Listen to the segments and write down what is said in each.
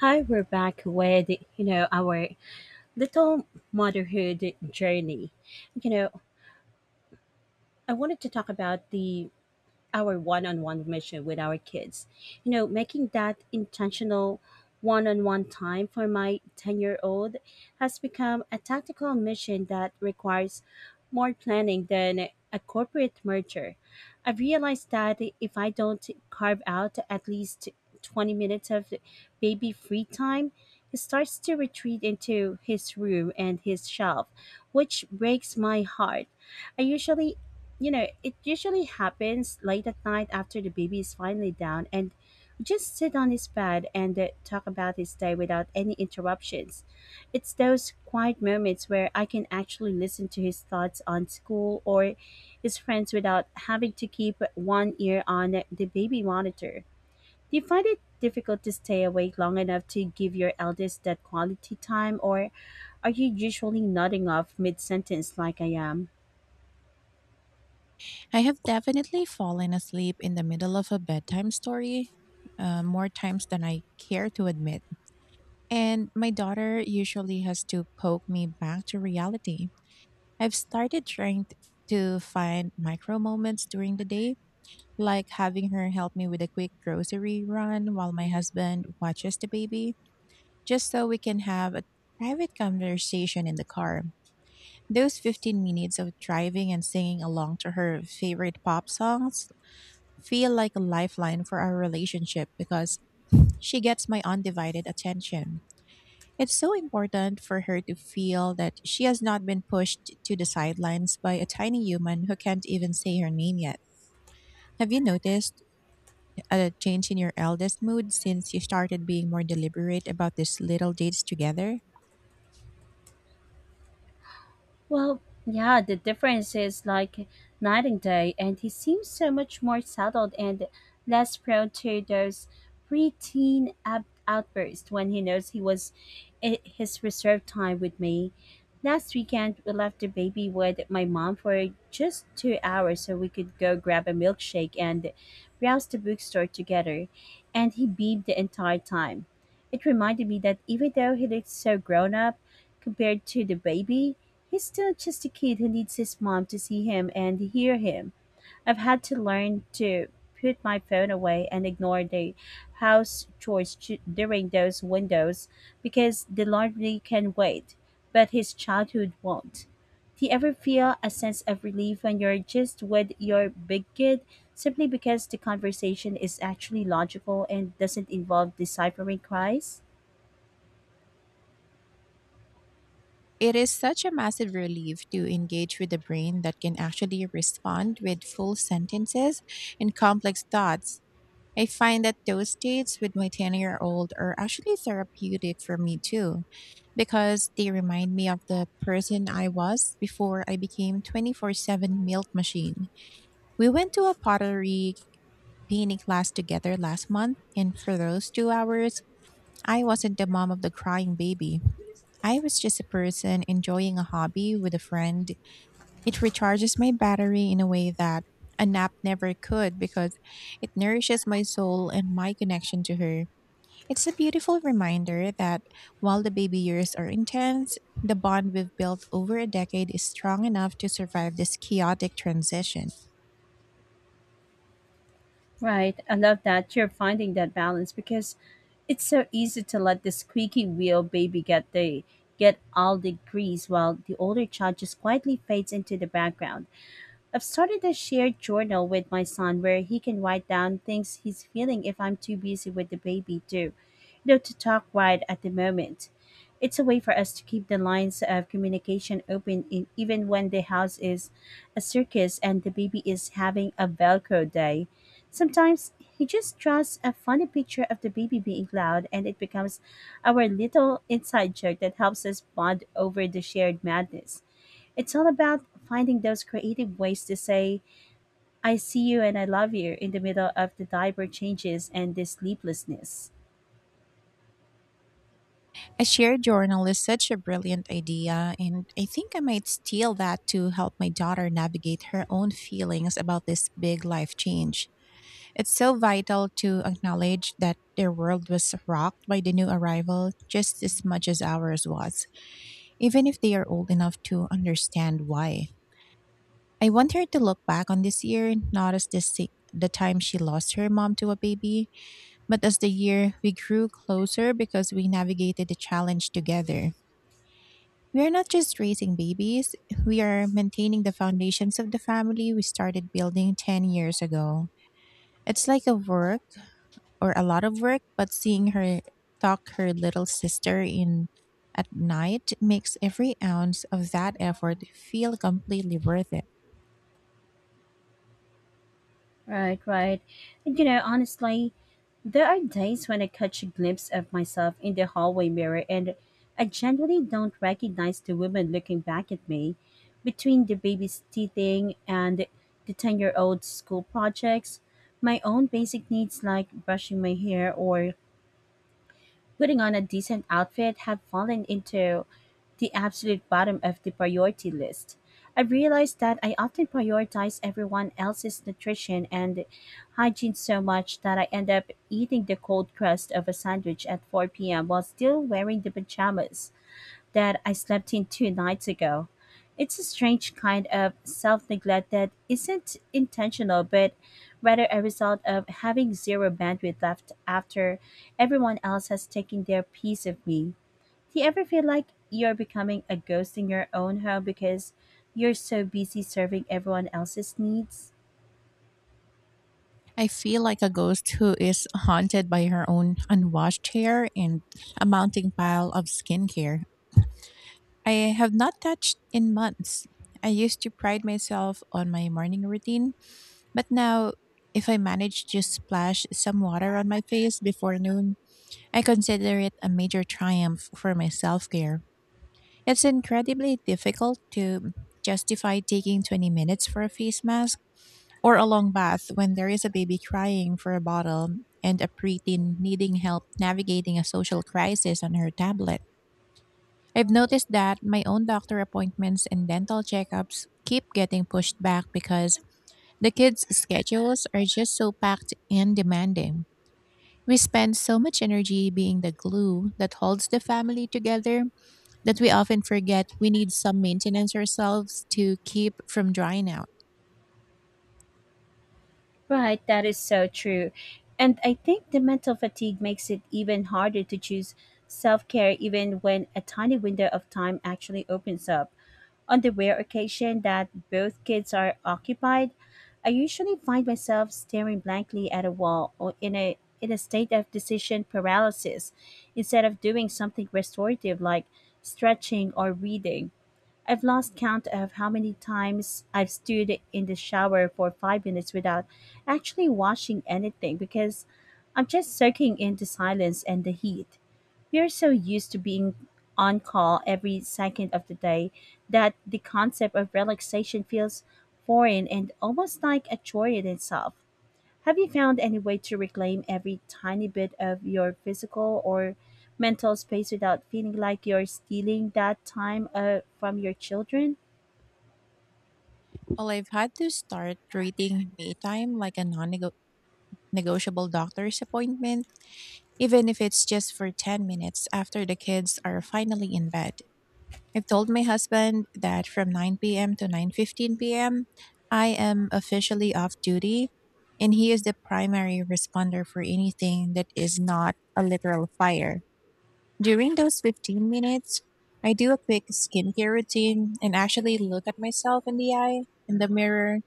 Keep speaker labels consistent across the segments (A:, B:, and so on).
A: Hi, we're back with our little motherhood journey. You know, I wanted to talk about the our one-on-one mission with our kids. Making that intentional one-on-one time for my 10-year-old has become a tactical mission that requires more planning than a corporate merger. I've realized that if I don't carve out at least 20 minutes of baby free time, he starts to retreat into his room and his shelf, which breaks my heart. I usually you know, it usually happens late at night after the baby is finally down, and we just sit on his bed and talk about his day without any interruptions. It's those quiet moments where I can actually listen to his thoughts on school or his friends without having to keep one ear on the baby monitor. Do you find it difficult to stay awake long enough to give your eldest that quality time, or are you usually nodding off mid sentence like I am?
B: I have definitely fallen asleep in the middle of a bedtime story, more times than I care to admit. And my daughter usually has to poke me back to reality. I've started trying to find micro moments during the day, like having her help me with a quick grocery run while my husband watches the baby, just so we can have a private conversation in the car. Those 15 minutes of driving and singing along to her favorite pop songs feel like a lifeline for our relationship, because she gets my undivided attention. It's so important for her to feel that she has not been pushed to the sidelines by a tiny human who can't even say her name yet. Have you noticed a change in your eldest mood since you started being more deliberate about these little dates together?
A: Well, yeah, the difference is like night and day, and he seems so much more settled and less prone to those outbursts when he knows he was I his reserved time with me. Last weekend, we left the baby with my mom for just 2 hours so we could go grab a milkshake and browse the bookstore together, and he beamed the entire time. It reminded me that even though he looked so grown up, compared to the baby, he's still just a kid who needs his mom to see him and hear him. I've had to learn to put my phone away and ignore the during those windows because the laundry can wait, but his childhood won't. Do you ever feel a sense of relief when you're just with your big kid simply because the conversation is actually logical and doesn't involve deciphering cries?
B: It is such a massive relief to engage with a brain that can actually respond with full sentences and complex thoughts. I find that those dates with my 10-year-old are actually therapeutic for me too, because they remind me of the person I was before I became 24/7 milk machine. We went to a pottery painting class together last month, and for those 2 hours, I wasn't the mom of the crying baby. I was just a person enjoying a hobby with a friend. It recharges my battery in a way that a nap never could, because it nourishes my soul and my connection to her. It's a beautiful reminder that while the baby years are intense, the bond we've built over a decade is strong enough to survive this chaotic transition.
A: Right. I love that you're finding that balance because it's so easy to let the squeaky wheel baby get all the grease while the older child just quietly fades into the background. I've started a shared journal with my son where he can write down things he's feeling if I'm too busy with the baby too, to talk right at the moment. It's a way for us to keep the lines of communication open in, even when the house is a circus and the baby is having a Velcro day. Sometimes he just draws a funny picture of the baby being loud and it becomes our little inside joke that helps us bond over the shared madness. It's all about finding those creative ways to say, I see you and I love you in the middle of the diaper changes and this sleeplessness.
B: A shared journal is such a brilliant idea, and I think I might steal that to help my daughter navigate her own feelings about this big life change. It's so vital to acknowledge that their world was rocked by the new arrival just as much as ours was, even if they are old enough to understand why. I want her to look back on this year not as the time she lost her mom to a baby, but as the year we grew closer because we navigated the challenge together. We are not just raising babies, we are maintaining the foundations of the family we started building 10 years ago. It's like a work, or a lot of work, but seeing her tuck her little sister in at night makes every ounce of that effort feel completely worth it.
A: Right, right. And honestly, there are days when I catch a glimpse of myself in the hallway mirror and I generally don't recognize the woman looking back at me between the baby's teething and the 10-year-old school projects, my own basic needs like brushing my hair or putting on a decent outfit have fallen into the absolute bottom of the priority list. I've realized that I often prioritize everyone else's nutrition and hygiene so much that I end up eating the cold crust of a sandwich at 4 p.m. while still wearing the pajamas that I slept in two nights ago. It's a strange kind of self neglect that isn't intentional, but rather a result of having zero bandwidth left after everyone else has taken their piece of me. Do you ever feel like you're becoming a ghost in your own home because you're so busy serving everyone else's needs?
B: I feel like a ghost who is haunted by her own unwashed hair and a mounting pile of skincare I have not touched in months. I used to pride myself on my morning routine, but now, if I manage to splash some water on my face before noon, I consider it a major triumph for my self care. It's incredibly difficult to justify taking 20 minutes for a face mask or a long bath when there is a baby crying for a bottle and a preteen needing help navigating a social crisis on her tablet. I've noticed that my own doctor appointments and dental checkups keep getting pushed back because the kids' schedules are just so packed and demanding. We spend so much energy being the glue that holds the family together that we often forget we need some maintenance ourselves to keep from drying out.
A: Right, that is so true. And I think the mental fatigue makes it even harder to choose self care, even when a tiny window of time actually opens up. On the rare occasion that both kids are occupied, I usually find myself staring blankly at a wall or in a state of decision paralysis instead of doing something restorative like stretching or reading. I've lost count of how many times I've stood in the shower for 5 minutes without actually washing anything because I'm just soaking in the silence and the heat. We are so used to being on call every second of the day that the concept of relaxation feels foreign and almost like a chore in itself. Have you found any way to reclaim every tiny bit of your physical or mental space without feeling like you're stealing that time from your children?
B: Well, I've had to start treating me time like a non negotiable doctor's appointment, even if it's just for 10 minutes after the kids are finally in bed. I've told my husband that from 9 p.m. to 9:15 p.m., I am officially off duty, and he is the primary responder for anything that is not a literal fire. During those 15 minutes, I do a quick skincare routine and actually look at myself in the eye in the mirror,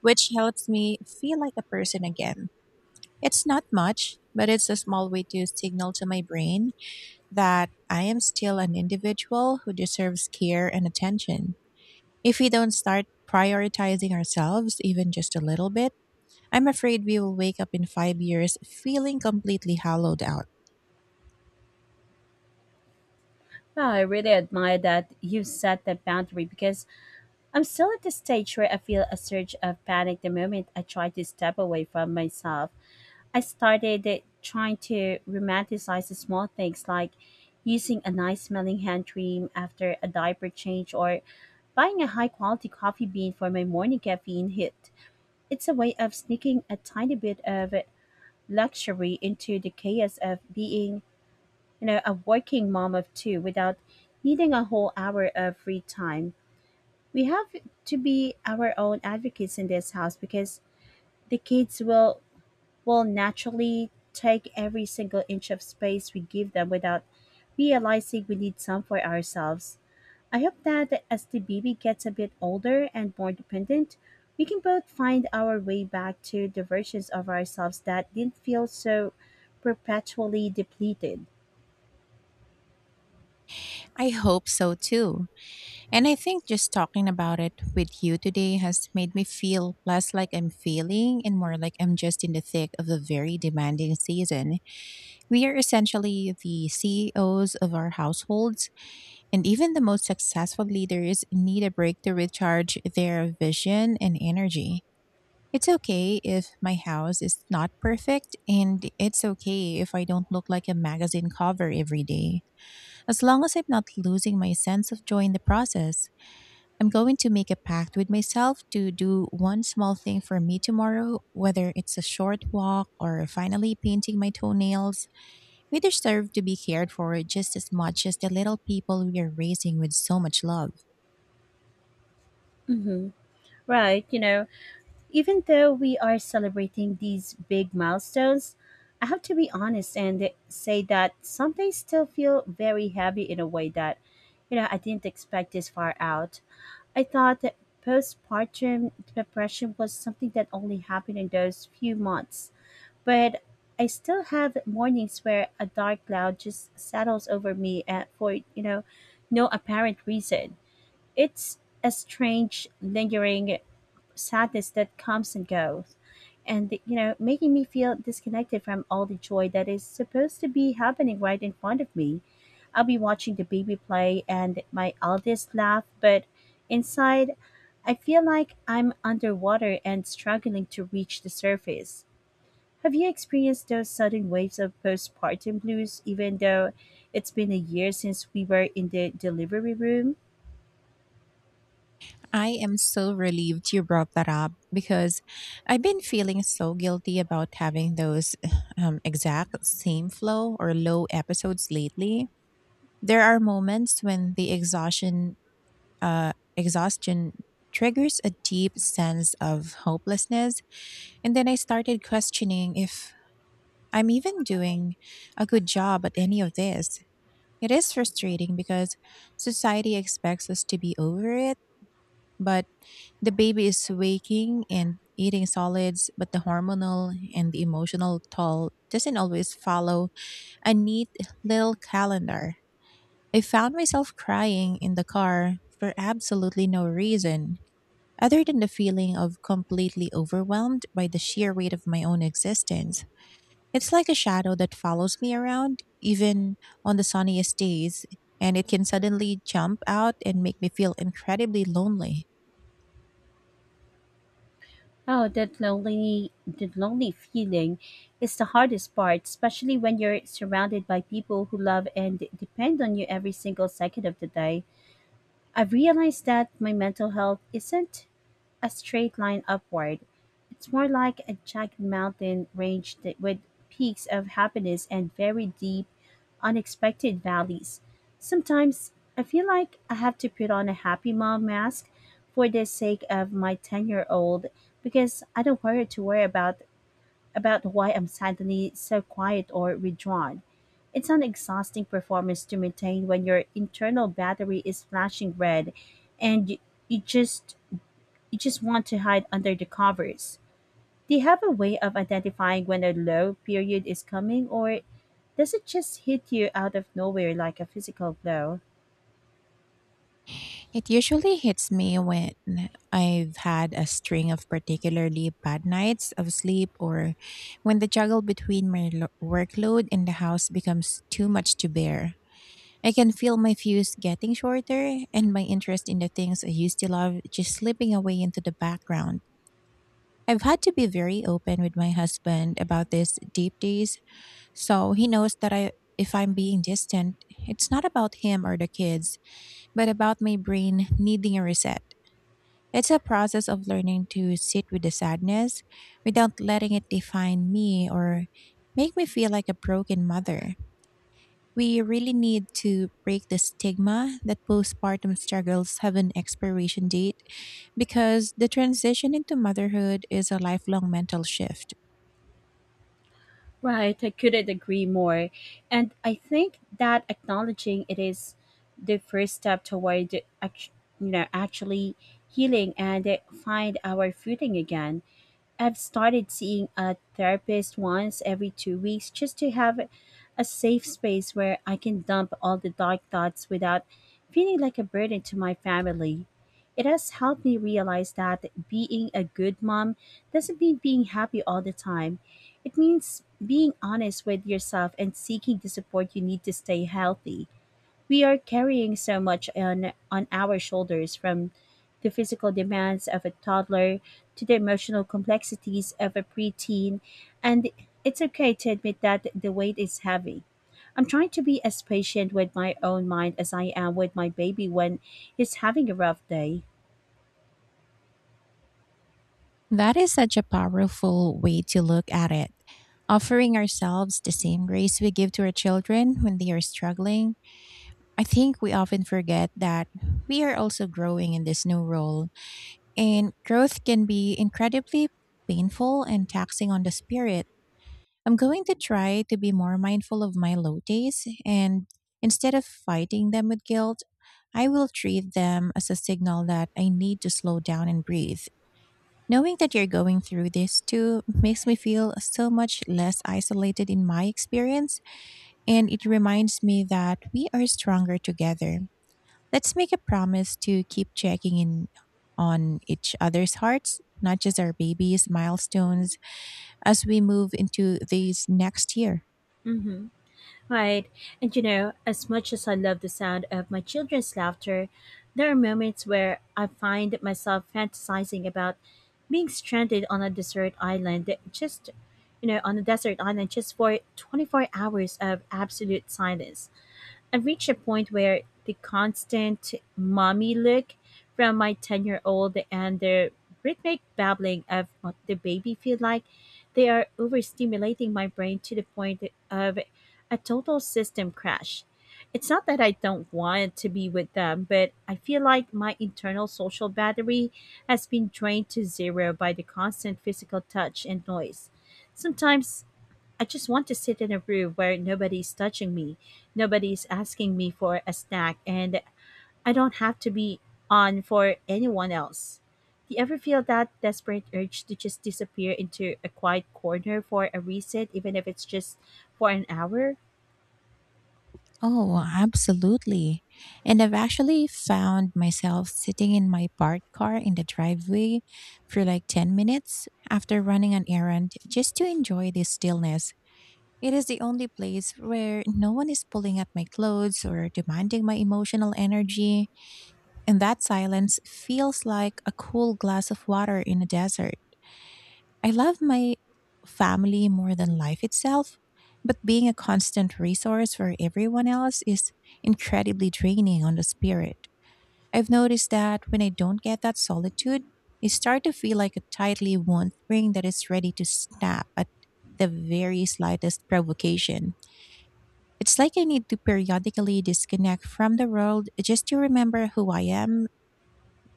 B: which helps me feel like a person again. It's not much, but it's a small way to signal to my brain that I am still an individual who deserves care and attention. If we don't start prioritizing ourselves, even just a little bit, I'm afraid we will wake up in 5 years feeling completely hollowed out.
A: Well, I really admire that you set that boundary because I'm still at the stage where I feel a surge of panic the moment I try to step away from myself. I started it trying to romanticize the small things like using a nice smelling hand cream after a diaper change or buying a high quality coffee bean for my morning caffeine hit. It's a way of sneaking a tiny bit of luxury into the chaos of being, a working mom of two without needing a whole hour of free time. We have to be our own advocates in this house because the kids will naturally take every single inch of space we give them without realizing we need some for ourselves. I hope that as the baby gets a bit older and more dependent, we can both find our way back to the versions of ourselves that didn't feel so perpetually depleted.
B: I hope so too. And I think just talking about it with you today has made me feel less like I'm failing and more like I'm just in the thick of a very demanding season. We are essentially the CEOs of our households, and even the most successful leaders need a break to recharge their vision and energy. It's okay if my house is not perfect, and it's okay if I don't look like a magazine cover every day, as long as I'm not losing my sense of joy in the process. I'm going to make a pact with myself to do one small thing for me tomorrow, whether it's a short walk or finally painting my toenails. We deserve to be cared for just as much as the little people we are raising with so much love.
A: hmm Right, you know, even though we are celebrating these big milestones, I have to be honest and say that some days still feel very heavy in a way that, I didn't expect this far out. I thought that postpartum depression was something that only happened in those few months, but I still have mornings where a dark cloud just settles over me and for, no apparent reason. It's a strange, lingering sadness that comes and goes and making me feel disconnected from all the joy that is supposed to be happening right in front of me. I'll be watching the baby play and my eldest laugh, but inside I feel like I'm underwater and struggling to reach the surface. Have you experienced those sudden waves of postpartum blues even though it's been a year since we were in the delivery room?
B: I am so relieved you brought that up, because I've been feeling so guilty about having those exact same flow or low episodes lately. There are moments when the exhaustion triggers a deep sense of hopelessness. And then I started questioning if I'm even doing a good job at any of this. It is frustrating because society expects us to be over it, but the baby is waking and eating solids, but the hormonal and the emotional toll doesn't always follow a neat little calendar. I found myself crying in the car for absolutely no reason other than the feeling of completely overwhelmed by the sheer weight of my own existence. It's like a shadow that follows me around, even on the sunniest days, and it can suddenly jump out and make me feel incredibly lonely.
A: Oh, that lonely feeling is the hardest part, especially when you're surrounded by people who love and depend on you every single second of the day. I've realized that my mental health isn't a straight line upward. It's more like a jagged mountain range that, with peaks of happiness and very deep, unexpected valleys. Sometimes I feel like I have to put on a happy mom mask for the sake of my 10-year-old because I don't worry to worry about why I'm suddenly so quiet or withdrawn. It's an exhausting performance to maintain when your internal battery is flashing red and you just you just want to hide under the covers. Do you have a way of identifying when a low period is coming, or does it just hit you out of nowhere like a physical blow?
B: It usually hits me when I've had a string of particularly bad nights of sleep, or when the juggle between my workload and the house becomes too much to bear. I can feel my fuse getting shorter and my interest in the things I used to love just slipping away into the background. I've had to be very open with my husband about these deep days, so he knows that I if I'm being distant, it's not about him or the kids, but about my brain needing a reset. It's a process of learning to sit with the sadness without letting it define me or make me feel like a broken mother. We really need to break the stigma that postpartum struggles have an expiration date, because the transition into motherhood is a lifelong mental shift.
A: Right, I couldn't agree more. And I think that acknowledging it is the first step toward act- actually healing and find our footing again. I've started seeing a therapist once every 2 weeks just to have a safe space where I can dump all the dark thoughts without feeling like a burden to my family. It has helped me realize that being a good mom doesn't mean being happy all the time. It means being honest with yourself and seeking the support you need to stay healthy. We are carrying so much on our shoulders from the physical demands of a toddler to the emotional complexities of a preteen, and it's okay to admit that the weight is heavy. I'm trying to be as patient with my own mind as I am with my baby when he's having a rough day.
B: That is such a powerful way to look at it. Offering ourselves the same grace we give to our children when they are struggling, I think we often forget that we are also growing in this new role, and growth can be incredibly painful and taxing on the spirit. I'm going to try to be more mindful of my low days, and instead of fighting them with guilt, I will treat them as a signal that I need to slow down and breathe. Knowing that you're going through this too makes me feel so much less isolated in my experience, and it reminds me that we are stronger together. Let's make a promise to keep checking in on each other's hearts, not just our babies' milestones, as we move into these next year.
A: Right. And as much as I love the sound of my children's laughter, there are moments where I find myself fantasizing about being stranded on a desert island just you know, on a desert island just for 24 hours of absolute silence. I've reached a point where the constant mommy look from my 10-year-old and the rhythmic babbling of what the baby feel like they are overstimulating my brain to the point of a total system crash. It's not that I don't want to be with them, but I feel like my internal social battery has been drained to zero by the constant physical touch and noise. Sometimes I just want to sit in a room where nobody's touching me, nobody's asking me for a snack, and I don't have to be on for anyone else. Do you ever feel that desperate urge to just disappear into a quiet corner for a reset, even if it's just for an hour?
B: Oh, well, absolutely. And I've actually found myself sitting in my parked car in the driveway for like 10 minutes after running an errand, just to enjoy the stillness. It is the only place where no one is pulling at my clothes or demanding my emotional energy, and that silence feels like a cool glass of water in a desert. I love my family more than life itself, but being a constant resource for everyone else is incredibly draining on the spirit. I've noticed that when I don't get that solitude, I start to feel like a tightly wound spring that is ready to snap at the very slightest provocation. It's like I need to periodically disconnect from the world just to remember who I am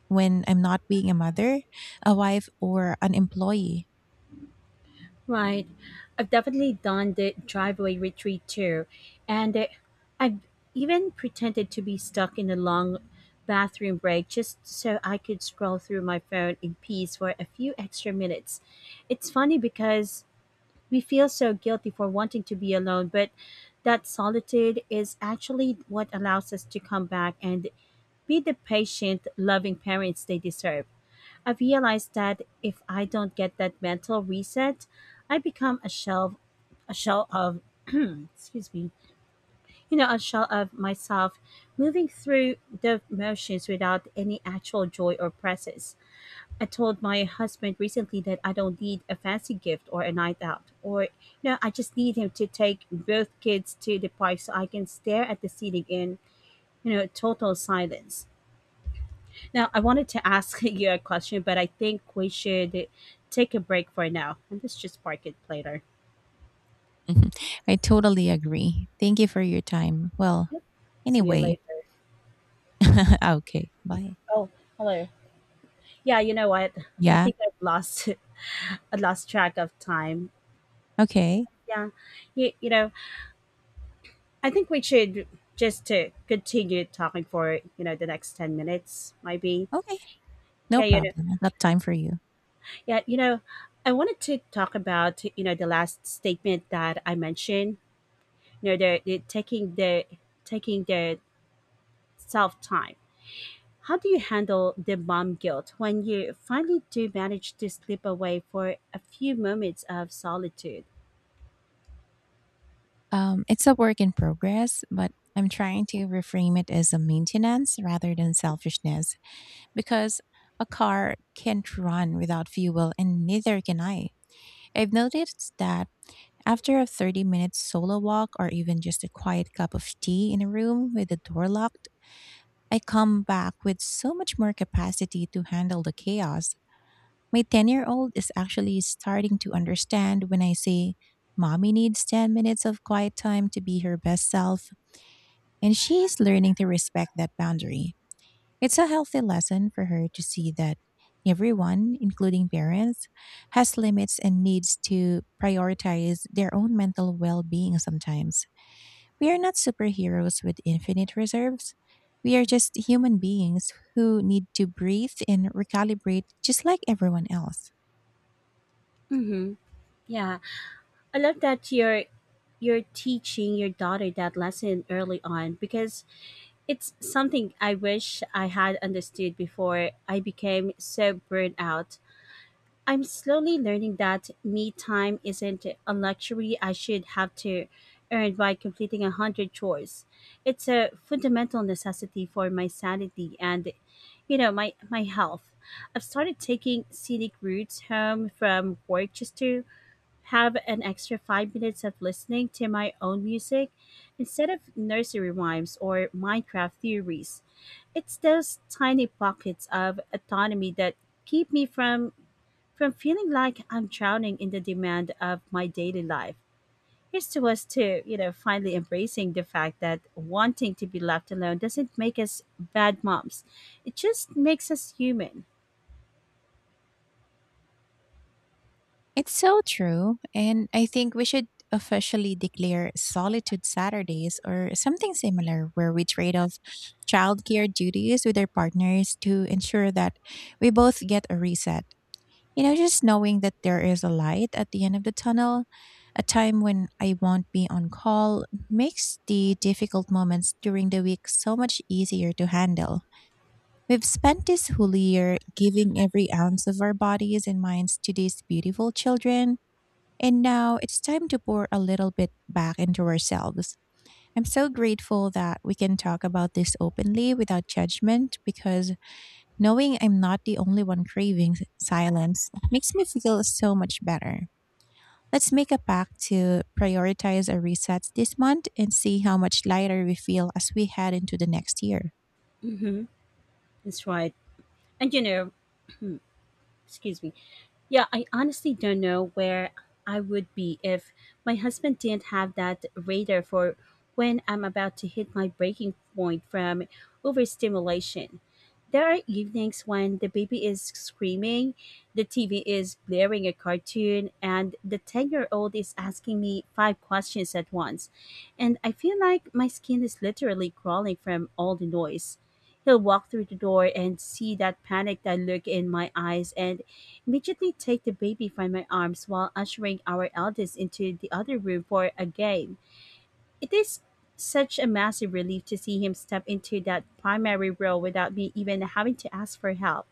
B: when I'm not being a mother, a wife, or an employee.
A: Right. I've definitely done the driveway retreat too. And I've even pretended to be stuck in a long bathroom break just so I could scroll through my phone in peace for a few extra minutes. It's funny because we feel so guilty for wanting to be alone, but that solitude is actually what allows us to come back and be the patient, loving parents they deserve. I've realized that if I don't get that mental reset, I become a shell of excuse me, a shell of myself moving through the motions without any actual joy or presence. I told my husband recently that I don't need a fancy gift or a night out, I just need him to take both kids to the park so I can stare at the ceiling in total silence. Now, I wanted to ask you a question, but I think we should take a break for now, and let's just park it later.
B: Mhm. I totally agree. Thank you for your time. Well,
A: See you
B: anyway.
A: later.
B: Okay, bye.
A: Oh, hello. Yeah, you know what? I
B: Yeah,
A: think I've lost I lost track of time.
B: okay,
A: Yeah. You, you know, I think we should just to continue talking for, the next 10 minutes maybe.
B: okay, no
A: Yeah, you know.
B: problem. I got time for you.
A: Yeah, you know, I wanted to talk about, the last statement that I mentioned, the taking the self time. How do you handle the mom guilt when you finally do manage to slip away for a few moments of solitude?
B: It's a work in progress, but I'm trying to reframe it as a maintenance rather than selfishness, because a car can't run without fuel, and neither can I. I've noticed that after a 30-minute solo walk, or even just a quiet cup of tea in a room with the door locked, I come back with so much more capacity to handle the chaos. My 10-year-old is actually starting to understand when I say, "Mommy needs 10 minutes of quiet time to be her best self," and she's learning to respect that boundary. It's a healthy lesson for her to see that everyone, including parents, has limits and needs to prioritize their own mental well being sometimes. We are not superheroes with infinite reserves. We are just human beings who need to breathe and recalibrate just like everyone else.
A: Mm-hmm. Yeah, I love that you're teaching your daughter that lesson early on, because it's something I wish I had understood before I became so burnt out. I'm slowly learning that me time isn't a luxury I should have to earn by completing a hundred chores. It's a fundamental necessity for my sanity and, my health. I've started taking scenic routes home from work just to have an extra 5 minutes of listening to my own music instead of nursery rhymes or Minecraft theories. It's those tiny pockets of autonomy that keep me from feeling like I'm drowning in the demand of my daily life. Here's to us to, finally embracing the fact that wanting to be left alone doesn't make us bad moms. It just makes us human.
B: It's so true, and I think we should officially declare Solitude Saturdays or something similar, where we trade off childcare duties with our partners to ensure that we both get a reset. You know, just knowing that there is a light at the end of the tunnel, a time when I won't be on call, makes the difficult moments during the week so much easier to handle. We've spent this whole year giving every ounce of our bodies and minds to these beautiful children, and now it's time to pour a little bit back into ourselves. I'm so grateful that we can talk about this openly without judgment, because knowing I'm not the only one craving silence makes me feel so much better. Let's make a pact to prioritize our resets this month and see how much lighter we feel as we head into the next year.
A: Mm-hmm. That's right. And you know, excuse me. Yeah, I honestly don't know where I would be if my husband didn't have that radar for when I'm about to hit my breaking point from overstimulation. There are evenings when the baby is screaming, the TV is blaring a cartoon, and the 10-year-old is asking me five questions at once. And I feel like my skin is literally crawling from all the noise. He'll walk through the door and see that panicked look in my eyes and midgetly take the baby from my arms while ushering our eldest into the other room for a game. It is such a massive relief to see him step into that primary role without me even having to ask for help.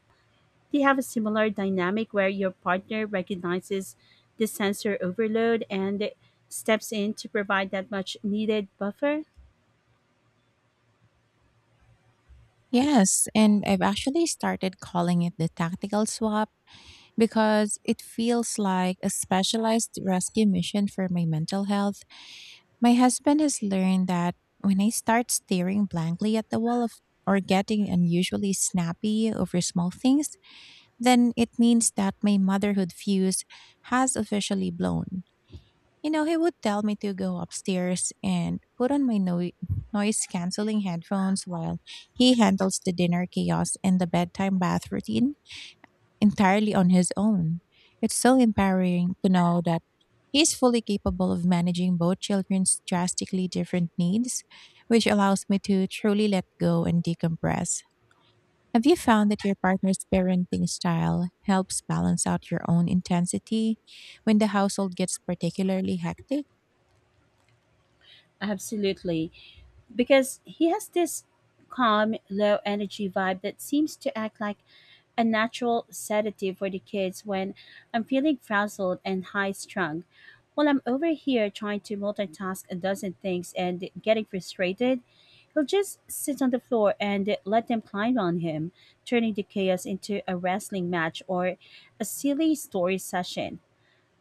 A: Do you have a similar dynamic where your partner recognizes the sensor overload and steps in to provide that much needed buffer?
B: Yes, and I've actually started calling it the tactical swap, because it feels like a specialized rescue mission for my mental health. My husband has learned that when I start staring blankly at the wall of or getting unusually snappy over small things, then it means that my motherhood fuse has officially blown. You know, he would tell me to go upstairs and put on my noise canceling headphones while he handles the dinner chaos and the bedtime bath routine entirely on his own. It's so empowering to know that he's fully capable of managing both children's drastically different needs, which allows me to truly let go and decompress. Have you found that your partner's parenting style helps balance out your own intensity when the household gets particularly hectic?
A: Absolutely, because he has this calm, low energy vibe that seems to act like a natural sedative for the kids when I'm feeling frazzled and high strung. While I'm over here trying to multitask a dozen things and getting frustrated, he'll just sit on the floor and let them climb on him, turning the chaos into a wrestling match or a silly story session.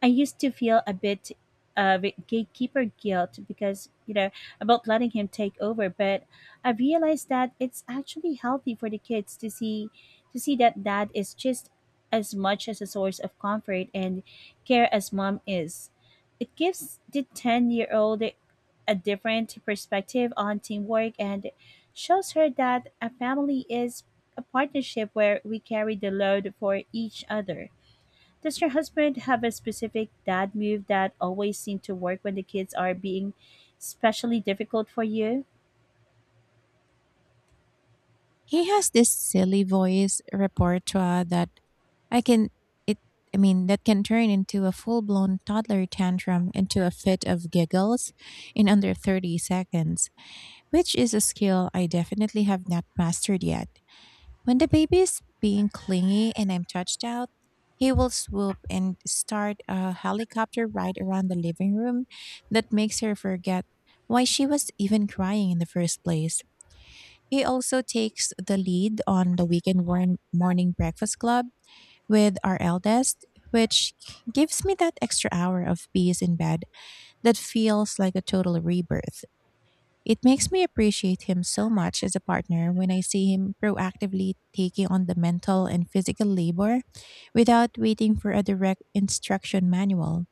A: I used to feel a bit of gatekeeper guilt because, about letting him take over, but I realized that it's actually healthy for the kids to see that dad is just as much as a source of comfort and care as mom is. It gives the 10-year-old a different perspective on teamwork and shows her that a family is a partnership where we carry the load for each other. Does your husband have a specific dad move that always seems to work when the kids are being especially difficult for you?
B: He has this silly voice repertoire that I can it I mean, that can turn into a full-blown toddler tantrum into a fit of giggles in under 30 seconds, which is a skill I definitely have not mastered yet. When the baby is being clingy and I'm touched out, he will swoop and start a helicopter ride around the living room that makes her forget why she was even crying in the first place. He also takes the lead on the weekend morning breakfast club with our eldest, which gives me that extra hour of peace in bed that feels like a total rebirth. It makes me appreciate him so much as a partner when I see him proactively taking on the mental and physical labor without waiting for a direct instruction manual.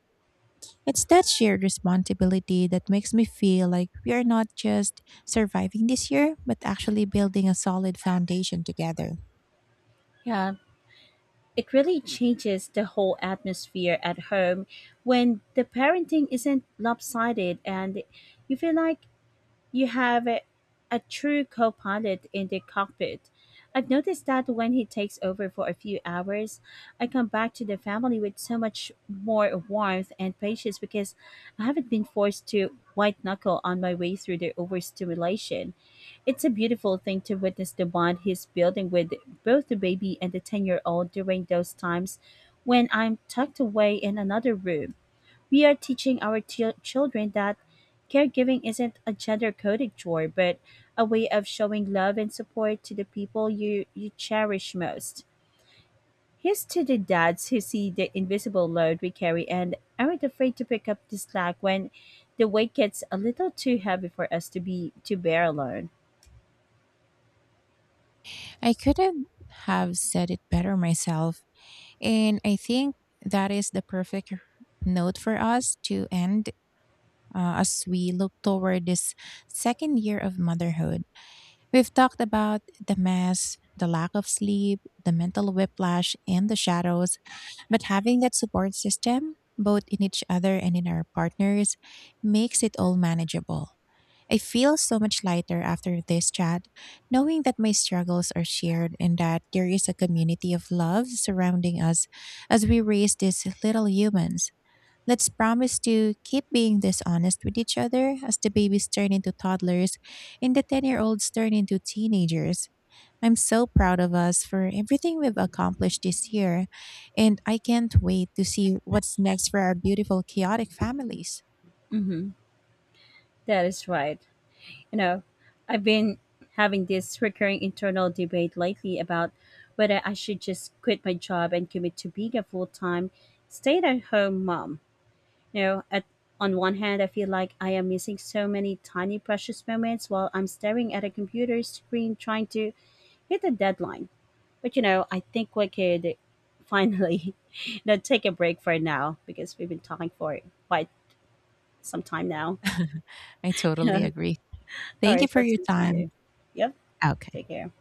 B: It's that shared responsibility that makes me feel like we are not just surviving this year, but actually building a solid foundation together.
A: Yeah, it really changes the whole atmosphere at home when the parenting isn't lopsided and you feel like you have a true co pilot in the cockpit. I've noticed that when he takes over for a few hours, I come back to the family with so much more warmth and patience because I haven't been forced to white knuckle on my way through the overstimulation. It's a beautiful thing to witness the bond he's building with both the baby and the 10-year-old during those times when I'm tucked away in another room. We are teaching our children that caregiving isn't a gender coded chore, but a way of showing love and support to the people you cherish most. Here's to the dads who see the invisible load we carry and aren't afraid to pick up the slack when the weight gets a little too heavy for us to bear alone.
B: I couldn't have said it better myself, and I think that is the perfect note for us to end, as we look toward this second year of motherhood. We've talked about the mess, the lack of sleep, the mental whiplash, and the shadows, but having that support system, both in each other and in our partners, makes it all manageable. I feel so much lighter after this chat, knowing that my struggles are shared and that there is a community of love surrounding us as we raise these little humans. Let's promise to keep being this honest with each other as the babies turn into toddlers and the 10-year-olds turn into teenagers. I'm so proud of us for everything we've accomplished this year, and I can't wait to see what's next for our beautiful, chaotic families.
A: Mm-hmm. That is right. You know, I've been having this recurring internal debate lately about whether I should just quit my job and commit to being a full time stay at home mom. You know, on one hand, I feel like I am missing so many tiny precious moments while I'm staring at a computer screen trying to hit a deadline. But you know, I think we could finally take a break for now because we've been talking for quite some time now.
B: I
A: You
B: totally
A: know,
B: agree.
A: all
B: Thank you
A: right,
B: for
A: let's
B: your time.
A: continue. Yep,
B: Okay.
A: take care.